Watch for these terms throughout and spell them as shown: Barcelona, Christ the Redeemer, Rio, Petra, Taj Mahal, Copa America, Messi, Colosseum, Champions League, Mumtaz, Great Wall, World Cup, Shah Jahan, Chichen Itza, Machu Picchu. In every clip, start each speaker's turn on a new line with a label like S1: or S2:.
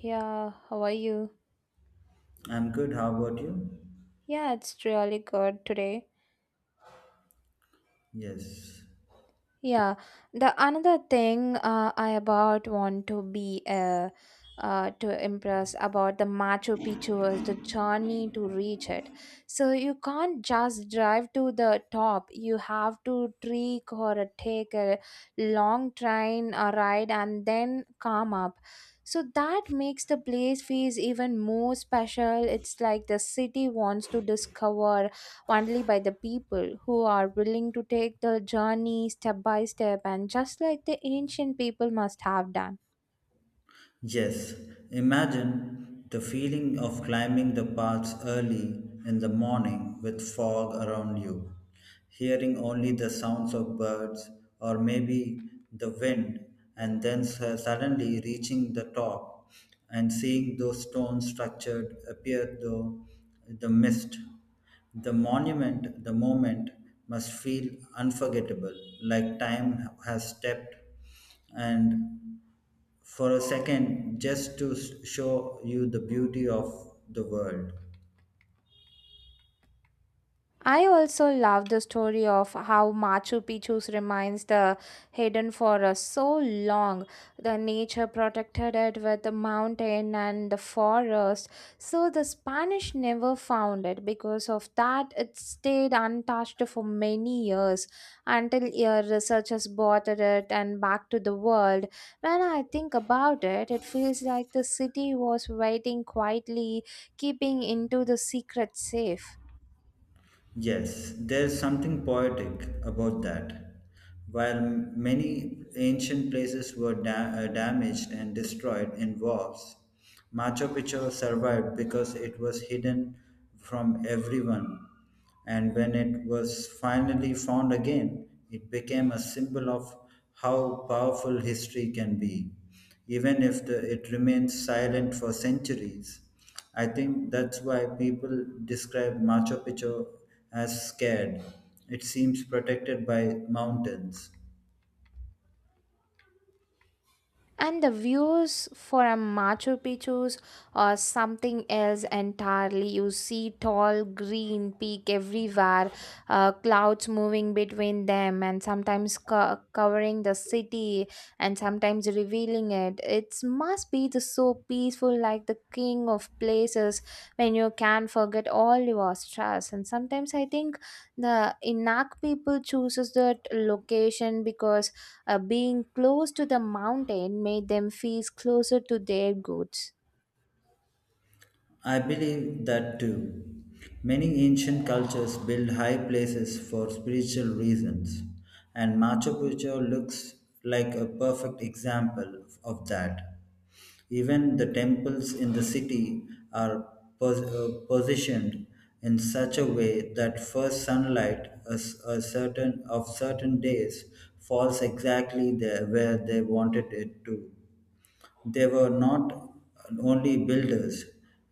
S1: Yeah, how are you?
S2: I'm good. How about you?
S1: Yeah, it's really good today.
S2: Yes.
S1: Yeah, the another thing I about want to be to impress about the Machu Picchu is the journey to reach it. So you can't just drive to the top. You have to trek or take a long train ride and then come up. So that makes the place feels even more special. It's like the city wants to discover only by the people who are willing to take the journey step by step and just like the ancient people must have done.
S2: Yes, imagine the feeling of climbing the paths early in the morning with fog around you, hearing only the sounds of birds or maybe the wind, and then suddenly reaching the top and seeing those stone structured appear through the mist. The moment must feel unforgettable, like time has stepped and for a second just to show you the beauty of the world.
S1: I also love the story of how Machu Picchu remains the hidden for us so long. The nature protected it with the mountain and the forest. So the Spanish never found it. Because of that, it stayed untouched for many years until your researchers bought it and back to the world. When I think about it, it feels like the city was waiting quietly, keeping into the secret safe.
S2: Yes, there's something poetic about that. While many ancient places were damaged and destroyed in wars, Machu Picchu survived because it was hidden from everyone. And when it was finally found again, it became a symbol of how powerful history can be, even if it remains silent for centuries. I think that's why people describe Machu Picchu as scared. It seems protected by mountains.
S1: And the views for a Machu Picchu's or something else entirely. You see tall green peak everywhere, clouds moving between them, and sometimes covering the city, and sometimes revealing it. It must be the so peaceful, like the king of places, when you can forget all your stress. And sometimes I think the Inak people chooses that location because being close to the mountain made them feel closer to their goats.
S2: I believe that too. Many ancient cultures build high places for spiritual reasons, and Machu Picchu looks like a perfect example of that. Even the temples in the city are positioned in such a way that first sunlight a certain of certain days falls exactly there where they wanted it to. They were not only builders,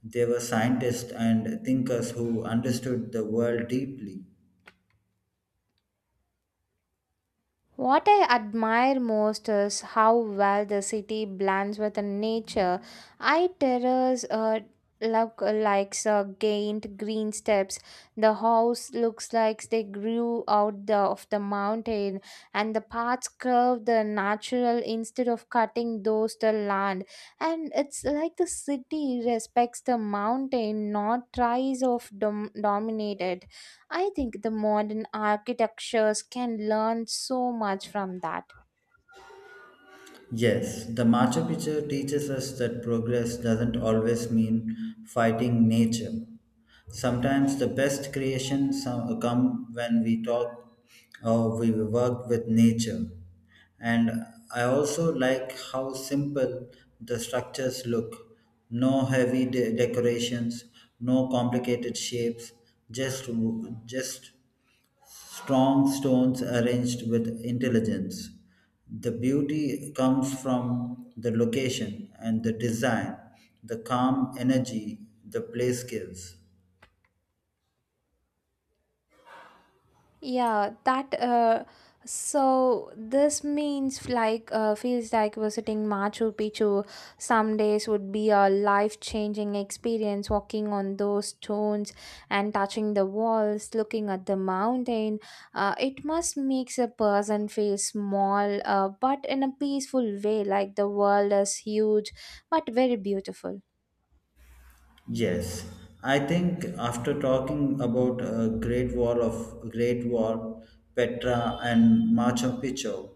S2: they were scientists and thinkers who understood the world deeply.
S1: What I admire most is how well the city blends with the nature. I terrace look likes gained green steps. The house looks like they grew out the, of the mountain, and the paths curve the natural instead of cutting those the land. And it's like the city respects the mountain, not tries of dominate it. I think the modern architectures can learn so much from that.
S2: Yes, the Machu Picchu teaches us that progress doesn't always mean fighting nature. Sometimes the best creations come when we talk or we work with nature. And I also like how simple the structures look. No heavy decorations, no complicated shapes, just just strong stones arranged with intelligence. The beauty comes from the location and the design, the calm energy the place gives.
S1: Yeah, that uh so this means like feels like visiting Machu Picchu some days would be a life-changing experience walking on those stones and touching the walls, looking at the mountain. It must makes a person feel small but in a peaceful way like the world is huge but very beautiful.
S2: Yes, I think after talking about Great Wall, Petra and Machu Picchu,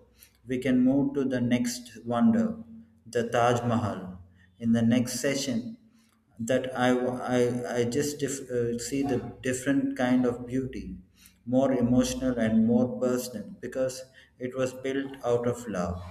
S2: we can move to the next wonder, the Taj Mahal. In the next session, that I just see the different kind of beauty, more emotional and more personal because it was built out of love.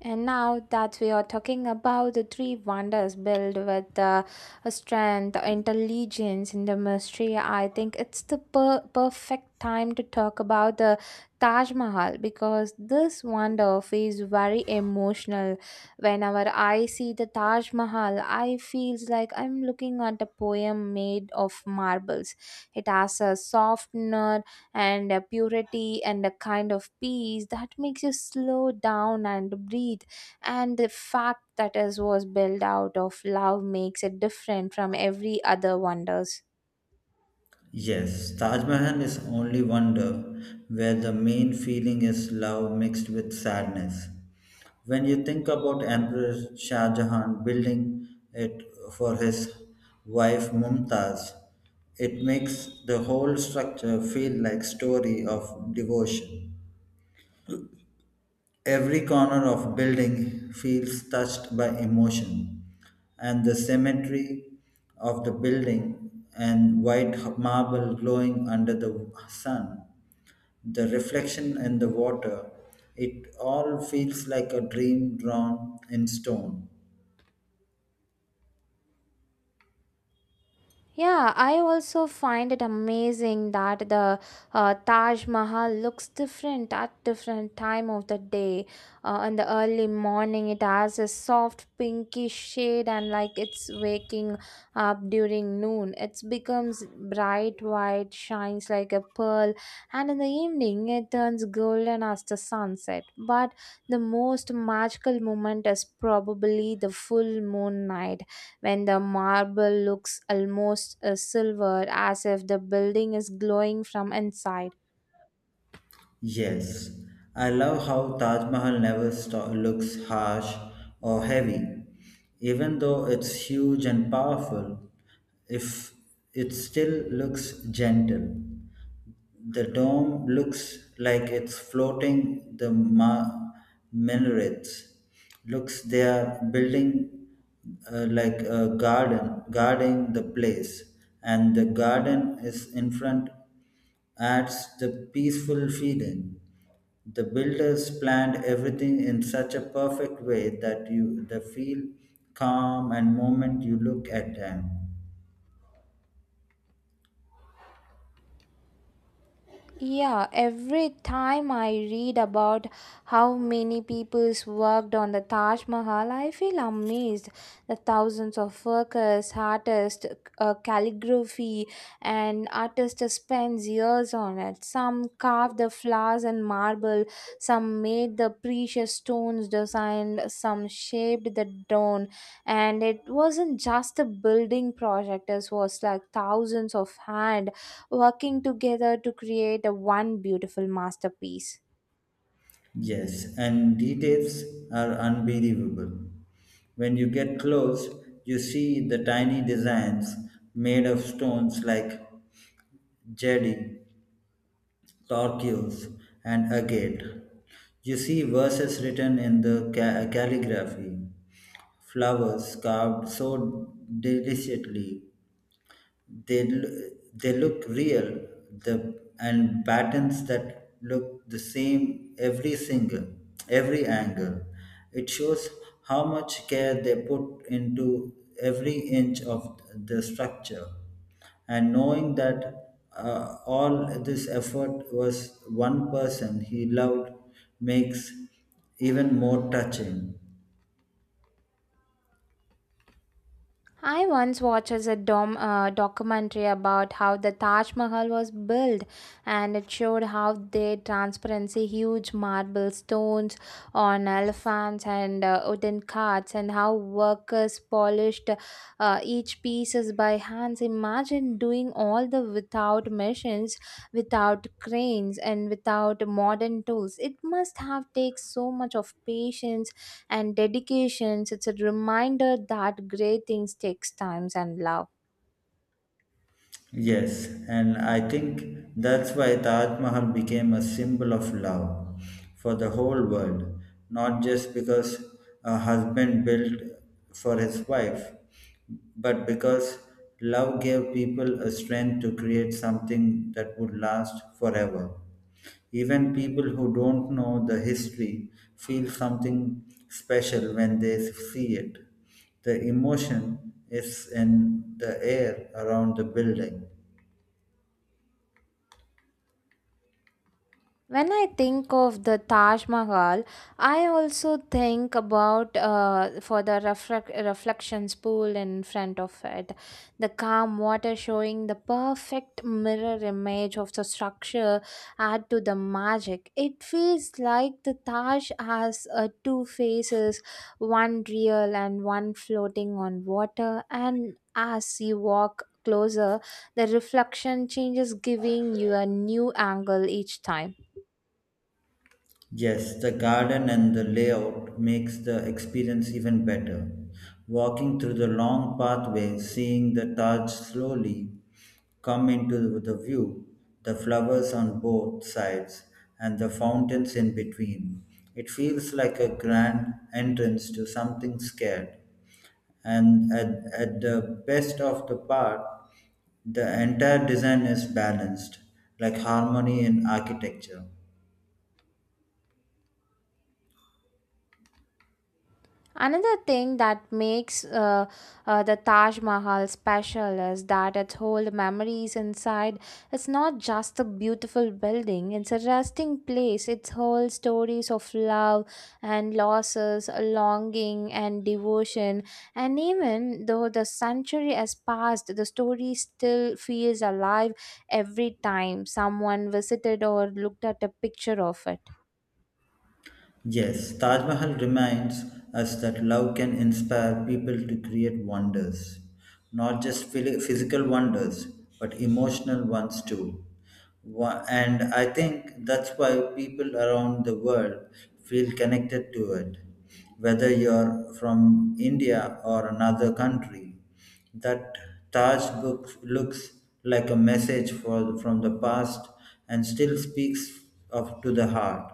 S1: And now that we are talking about the three wonders built with strength, intelligence, and the mystery, I think it's the perfect time to talk about the Taj Mahal because this wonder feels very emotional. Whenever I see the Taj Mahal, I feels like I'm looking at a poem made of marbles. It has a soft, nut and a purity and a kind of peace that makes you slow down and breathe and the fact that it was built out of love makes it different from every other wonders.
S2: Yes, Taj Mahal is only wonder where the main feeling is love mixed with sadness. When you think about Emperor Shah Jahan building it for his wife Mumtaz, it makes the whole structure feel like story of devotion. Every corner of building feels touched by emotion, and the cemetery of the building and white marble glowing under the sun, the reflection in the water, it all feels like a dream drawn in stone.
S1: Yeah, I also find it amazing that the Taj Mahal looks different at different time of the day. In the early morning, it has a soft pinkish shade, and like it's waking up during noon, it becomes bright white, shines like a pearl, and in the evening, it turns golden as the sunset. But the most magical moment is probably the full moon night when the marble looks almost silver as if the building is glowing from inside.
S2: Yes, I love how Taj Mahal never looks harsh or heavy, even though it's huge and powerful. If it still looks gentle, the dome looks like it's floating. The minarets looks they are building like a garden, guarding the place, and the garden is in front adds the peaceful feeling. The builders planned everything in such a perfect way that you the feel calm and moment you look at them.
S1: Yeah, every time I read about how many people's worked on the Taj Mahal, I feel amazed. The thousands of workers, artists, calligraphy, and artists spends years on it. Some carved the flowers in marble, some made the precious stones designed, some shaped the dome, and it wasn't just a building project. It was like thousands of hands working together to create a one beautiful masterpiece.
S2: Yes, and details are unbelievable. When you get close, you see the tiny designs made of stones like jade, torquils, and agate. You see verses written in the calligraphy, flowers carved so delicately, they l- they look real the and patterns that look the same every single every angle it shows how much care they put into every inch of the structure and knowing that all this effort was one person he loved makes even more touching.
S1: I once watched as a documentary about how the Taj Mahal was built, and it showed how they transparency huge marble stones on elephants and wooden carts, and how workers polished each pieces by hands. Imagine doing all the without machines, without cranes, and without modern tools. It must have take so much of patience and dedications. It's a reminder that great things takes times and love.
S2: Yes, and I think that's why Taj Mahal became a symbol of love for the whole world, not just because a husband built for his wife, but because love gave people a strength to create something that would last forever. Even people who don't know the history feel something special when they see it the emotion is in the air around the building.
S1: When I think of the Taj Mahal, I also think about for the reflections pool in front of it, the calm water showing the perfect mirror image of the structure add to the magic. It feels like the Taj has two faces, one real and one floating on water, and as you walk closer, the reflection changes, giving you a new angle each time.
S2: Yes, the garden and the layout makes the experience even better. Walking through the long pathway, seeing the Taj slowly come into the view, the flowers on both sides, and the fountains in between. It feels like a grand entrance to something scared. And at the best of the part, the entire design is balanced, like harmony in architecture.
S1: Another thing that makes the Taj Mahal special is that it holds memories inside. It's not just a beautiful building, it's a resting place. It holds stories of love and losses, longing and devotion. And even though the century has passed, the story still feels alive every time someone visited or looked at a picture of it.
S2: Yes, Taj Mahal reminds us that love can inspire people to create wonders, not just physical wonders, but emotional ones too. And I think that's why people around the world feel connected to it. Whether you're from India or another country, that Taj book looks like a message from the past and still speaks to the heart.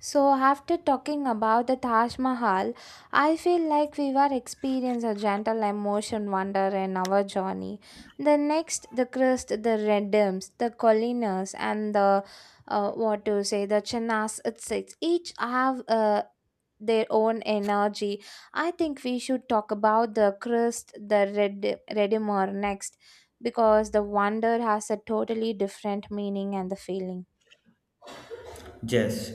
S1: So, after talking about the Taj Mahal, I feel like we were experiencing a gentle emotion wonder in our journey. The next, the crust, the red the colinas, and the what to say, the chinas itself, each have their own energy. I think we should talk about the crust, the red redimor next, because the wonder has a totally different meaning and the feeling.
S2: Yes,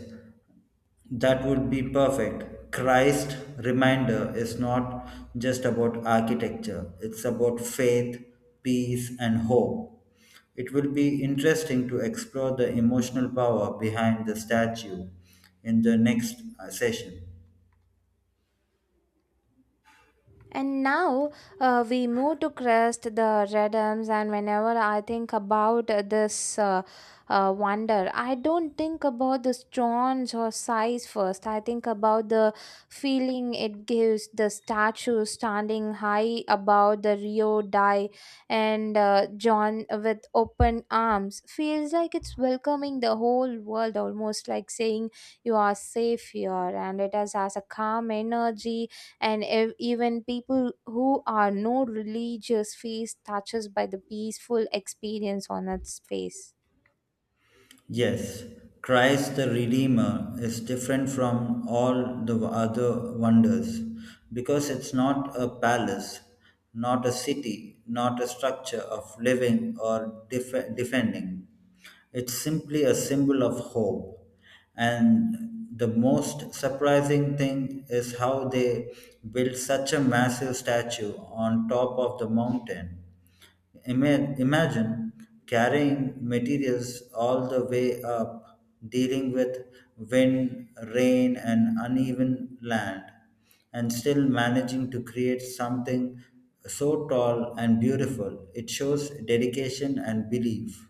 S2: that would be perfect. Christ reminder is not just about architecture, it's about faith, peace, and hope. It will be interesting to explore the emotional power behind the statue in the next session.
S1: And now we move to crest the redums, and whenever I think about this wonder, I don't think about the stones or size first. I think about the feeling it gives the statue standing high above the Rio Dai and John with open arms. Feels like it's welcoming the whole world, almost like saying you are safe here, and it has a calm energy and even people who are not religious face touches by the peaceful experience on its face.
S2: Yes, Christ the Redeemer is different from all the other wonders because it's not a palace, not a city, not a structure of living or defending. It's simply a symbol of hope. And the most surprising thing is how they built such a massive statue on top of the mountain. Imagine carrying materials all the way up, dealing with wind, rain, and uneven land, and still managing to create something so tall and beautiful. It shows dedication and belief.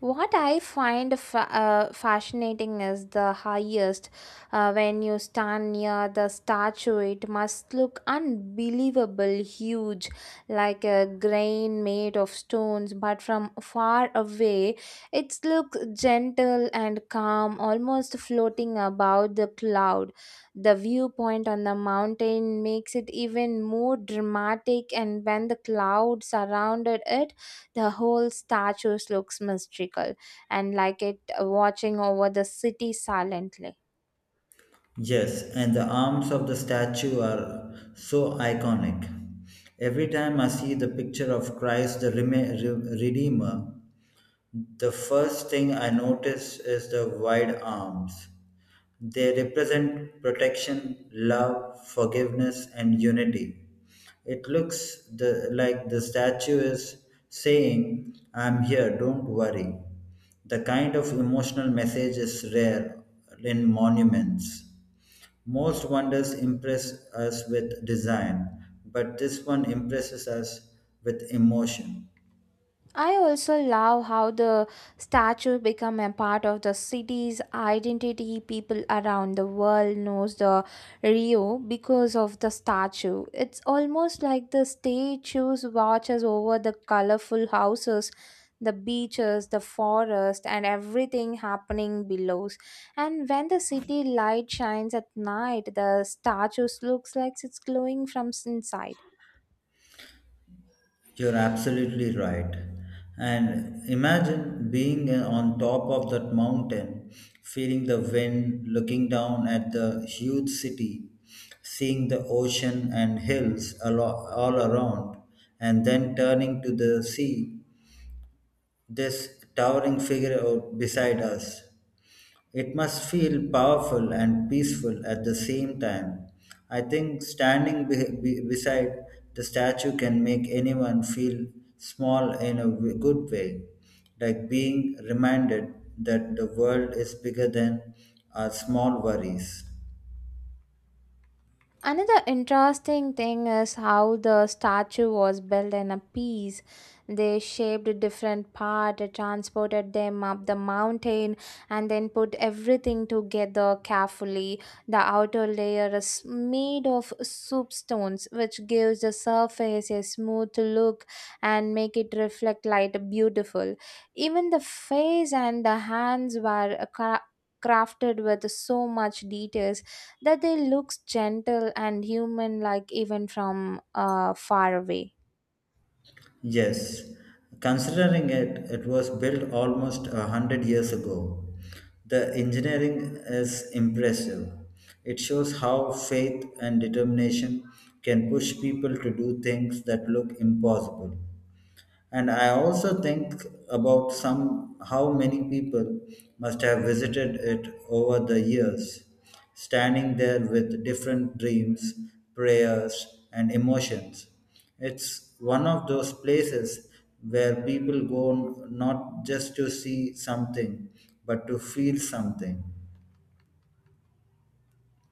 S1: What I find fascinating is the highest. When you stand near the statue, it must look unbelievable huge, like a grain made of stones. But from far away, it looks gentle and calm, almost floating above the cloud. The viewpoint on the mountain makes it even more dramatic, and when the cloud surrounded it, the whole statue looks mystical and like it watching over the city silently.
S2: Yes, and the arms of the statue are so iconic. Every time I see the picture of Christ the Redeemer, the first thing I notice is the wide arms. They represent protection, love, forgiveness, and unity. It looks like the statue is saying, "I'm here, don't worry." The kind of emotional message is rare in monuments. Most wonders impress us with design, but this one impresses us with emotion.
S1: I also love how the statue become a part of the city's identity. People around the world knows the Rio because of the statue. It's almost like the statues watches over the colorful houses, the beaches, the forest and everything happening below. And when the city light shines at night, the statue looks like it's glowing from inside.
S2: You're absolutely right. And imagine being on top of that mountain, feeling the wind, looking down at the huge city, seeing the ocean and hills all around, and then turning to the sea, this towering figure out beside us. It must feel powerful and peaceful at the same time. I think standing beside the statue can make anyone feel small in a good way, like being reminded that the world is bigger than our small worries.
S1: Another interesting thing is how the statue was built in a piece. They shaped different part, transported them up the mountain, and then put everything together carefully. The outer layer is made of soup stones, which gives the surface a smooth look and make it reflect light beautiful. Even the face and the hands were crafted with so much details that they looks gentle and human like even from far away.
S2: Yes, considering it, it was built almost 100 years ago. The engineering is impressive. It shows how faith and determination can push people to do things that look impossible. And I also think about some how many people must have visited it over the years, standing there with different dreams, prayers, and emotions. It's one of those places where people go not just to see something, but to feel something.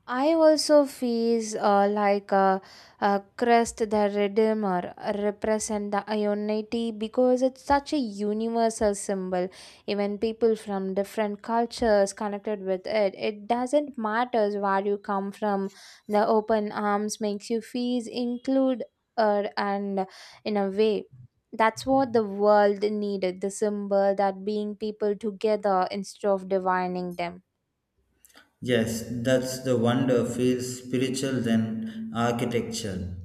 S1: I also feels a Christ the Redeemer represent the unity because it's such a universal symbol. Even people from different cultures connected with it. It doesn't matter where you come from. The open arms makes you feel included and in a way. That's what the world needed, the symbol that being people together instead of dividing them.
S2: Yes, that's the wonder feels spiritual than architectural.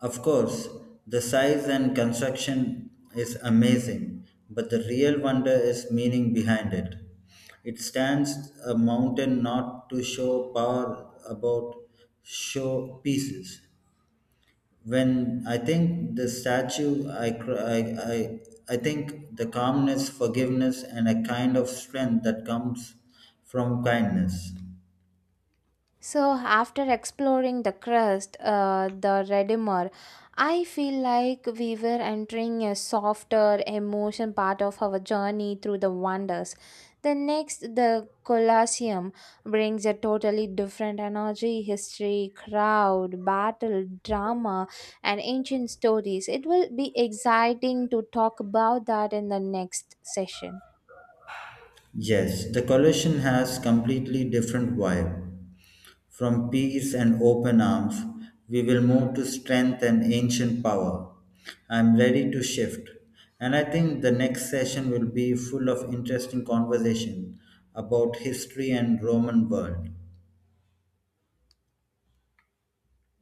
S2: Of course, the size and construction is amazing, but the real wonder is meaning behind it. It stands a mountain not to show power about show pieces. When I think the statue, I, cr- I think the calmness, forgiveness, and a kind of strength that comes from kindness.
S1: So, after exploring the crust, the Redeemer, I feel like we were entering a softer emotion part of our journey through the wonders. The next, the Colosseum, brings a totally different energy, history, crowd, battle, drama, and ancient stories. It will be exciting to talk about that in the next session.
S2: Yes, the coalition has completely different vibe. From peace and open arms, we will move to strength and ancient power. I am ready to shift. And I think the next session will be full of interesting conversation about history and Roman world.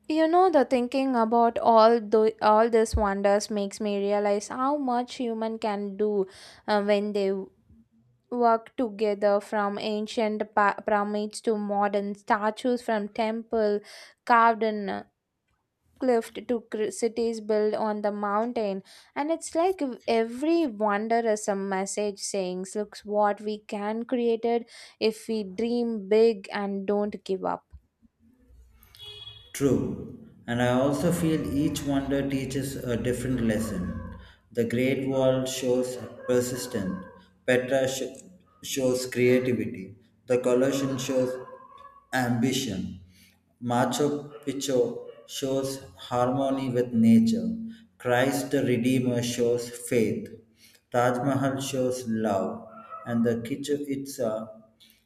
S1: You know, the thinking about all these wonders makes me realize how much human can do when they work together. From ancient pyramids to modern statues, from temple carved in a cliff to cities built on the mountain, and it's like if every wonder is a message saying, "Looks what we can created if we dream big and don't give up."
S2: True, and I also feel each wonder teaches a different lesson. The Great Wall shows persistence, Petra sh- shows creativity, the Colossian shows ambition, Machu Picchu shows harmony with nature, Christ the Redeemer shows faith, Taj Mahal shows love, and the Kichu Itza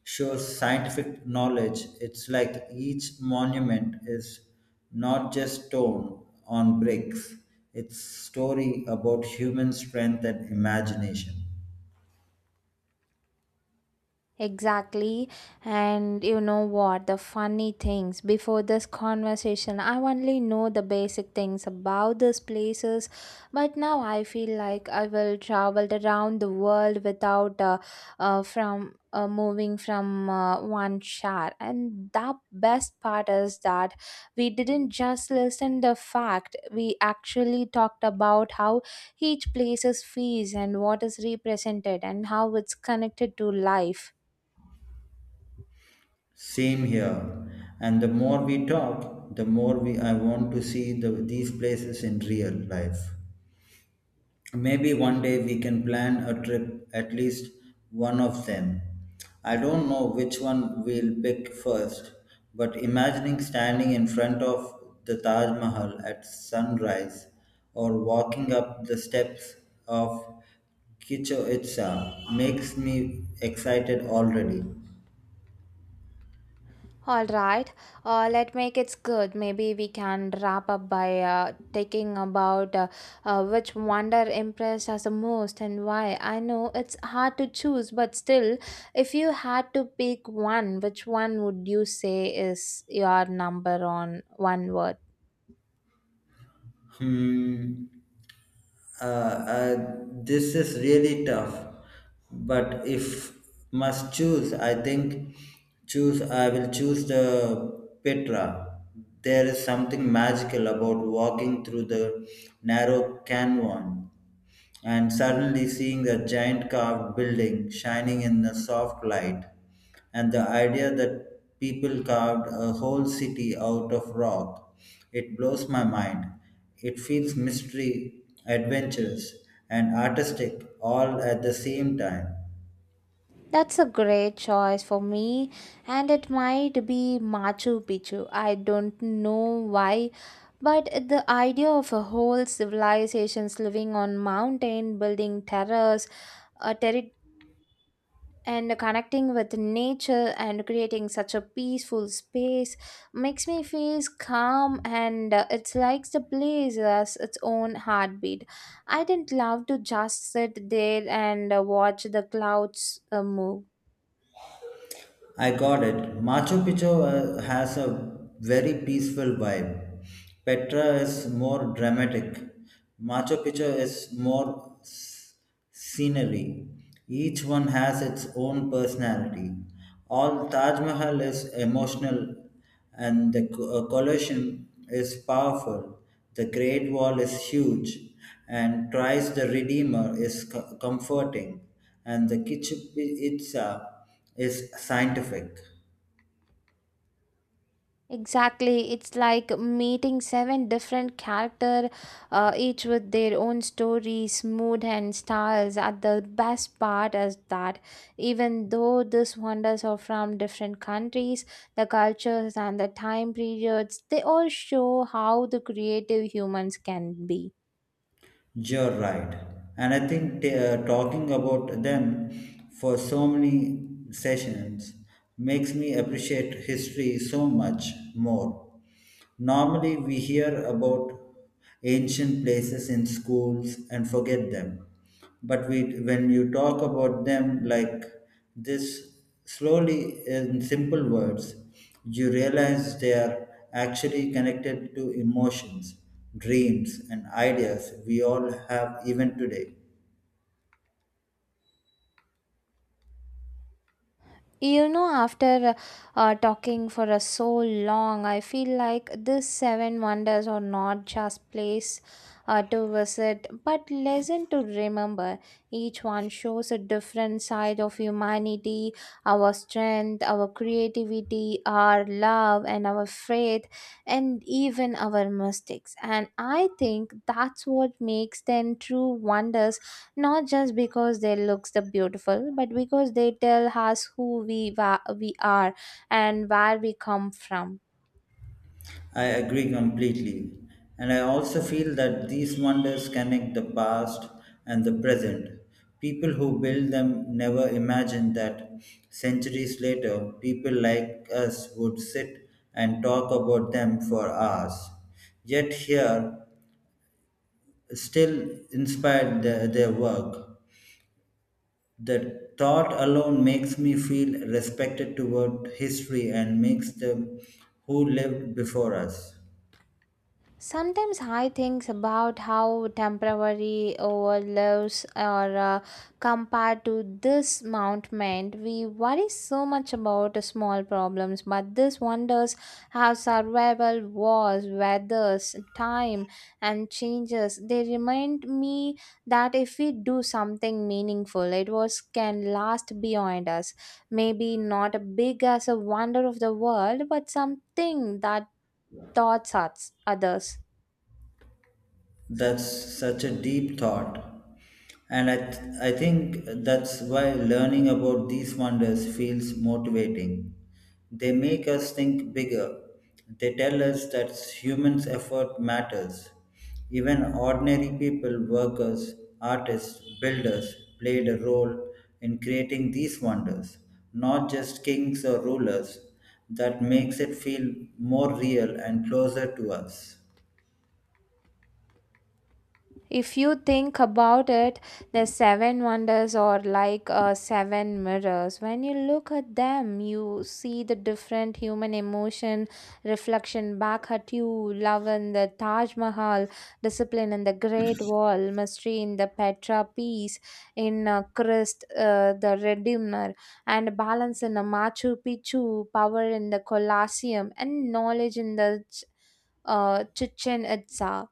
S2: shows scientific knowledge. It's like each monument is not just stone on bricks. It's story about human strength and imagination.
S1: Exactly. And you know what? The funny things before this conversation, I only know the basic things about these places, but now I feel like I will travel around the world without from moving from one share. And the best part is that we didn't just listen the fact, we actually talked about how each place's fees and what is represented and how it's connected to life.
S2: Same here. And the more we talk, the more we I want to see these places in real life. Maybe one day we can plan a trip, at least one of them. I don't know which one we'll pick first, but imagining standing in front of the Taj Mahal at sunrise or walking up the steps of Chichen Itza makes me excited already.
S1: All right, let make it good. Maybe we can wrap up by taking about which wonder impressed us the most and why. I know it's hard to choose, but still, if you had to pick one, which one would you say is your number on one word?
S2: Hmm. uh, uh, this is really tough. But if must choose, I think choose. I will choose the Petra. There is something magical about walking through the narrow canyon and suddenly seeing a giant carved building shining in the soft light and the idea that people carved a whole city out of rock, it blows my mind. It feels mystery, adventurous, and artistic all at the same time.
S1: That's a great choice for me, and it might be Machu Picchu. I don't know why. But the idea of a whole civilizations living on mountain, building terrace, a and connecting with nature and creating such a peaceful space makes me feel calm and it's like the place has its own heartbeat. I didn't love to just sit there and watch the clouds move.
S2: I got it. Machu Picchu has a very peaceful vibe. Petra is more dramatic. Machu Picchu is more scenery. Each one has its own personality. All Taj Mahal is emotional and the collision is powerful. The Great Wall is huge, and Christ the Redeemer is comforting, and the Kichipitsa is scientific.
S1: Exactly. It's like meeting seven different character, each with their own stories, mood and styles. At the best part is that even though these wonders are from different countries, the cultures and the time periods, they all show how the creative humans can be.
S2: You're right. And I think talking about them for so many sessions makes me appreciate history so much more. Normally, we hear about ancient places in schools and forget them. But we when you talk about them like this slowly in simple words, you realize they are actually connected to emotions, dreams and ideas we all have even today.
S1: You know, after talking for a so long, I feel like these seven wonders are not just place to visit, but lesson to remember. Each one shows a different side of humanity, our strength, our creativity, our love, and our faith, and even our mistakes. And I think that's what makes them true wonders not just because they looks the beautiful but because they tell us who we are and where we come from.
S2: I agree completely. And I also feel that these wonders connect the past and the present. People who build them never imagined that centuries later, people like us would sit and talk about them for hours. Yet, here, still inspired their work. The thought alone makes me feel respected toward history and makes them who lived before us.
S1: Sometimes I think about how temporary our lives are compared to this mountain. We worry so much about the small problems, but this wonders how survival was, weathers, time, and changes. They remind me that if we do something meaningful, it was can last beyond us. Maybe not big as a wonder of the world, but something that thoughts us others.
S2: That's such a deep thought. And I think that's why learning about these wonders feels motivating. They make us think bigger. They tell us that humans' effort matters. Even ordinary people, workers, artists, builders played a role in creating these wonders, not just kings or rulers. That makes it feel more real and closer to us.
S1: If you think about it, the seven wonders are like seven mirrors. When you look at them, you see the different human emotion reflection back at you. Love in the Taj Mahal, discipline in the Great Wall, mystery in the Petra Peace, in Christ the Redeemer, and balance in the Machu Picchu, power in the Colosseum, and knowledge in the Chichen Itza.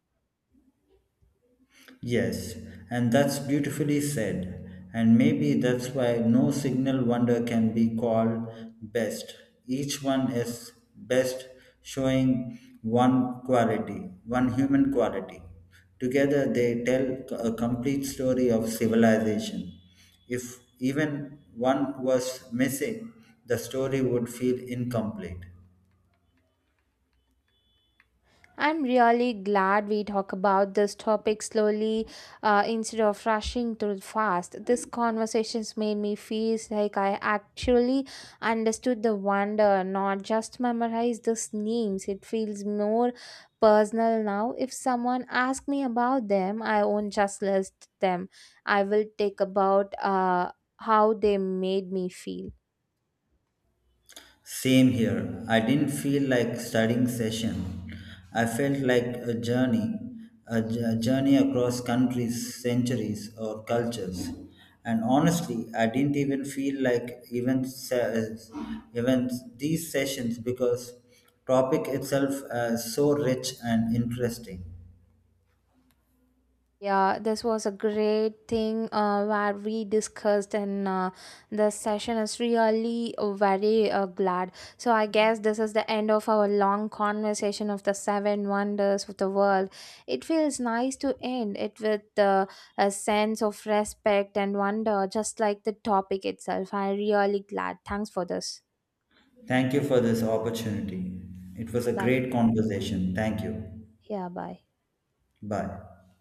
S2: Yes, and that's beautifully said. And maybe that's why no signal wonder can be called best. Each one is best, showing one quality, one human quality. Together, they tell a complete story of civilization. If even one was missing, the story would feel incomplete.
S1: I'm really glad we talk about this topic slowly instead of rushing too fast. This conversations made me feel like I actually understood the wonder, not just memorized these names. It feels more personal now. If someone asks me about them, I won't just list them. I will take about how they made me feel.
S2: Same here. I didn't feel like studying session. I felt like a journey, a journey across countries, centuries, or cultures. And honestly, I didn't even feel like even these sessions because topic itself is so rich and interesting.
S1: Yeah, this was a great thing where we discussed, and the session is really very glad. So, I guess this is the end of our long conversation of the seven wonders of the world. It feels nice to end it with a sense of respect and wonder, just like the topic itself. I'm really glad. Thanks for this.
S2: Thank you for this opportunity. It was a
S1: Bye.
S2: great conversation. Thank you.
S1: Yeah, bye.
S2: Bye.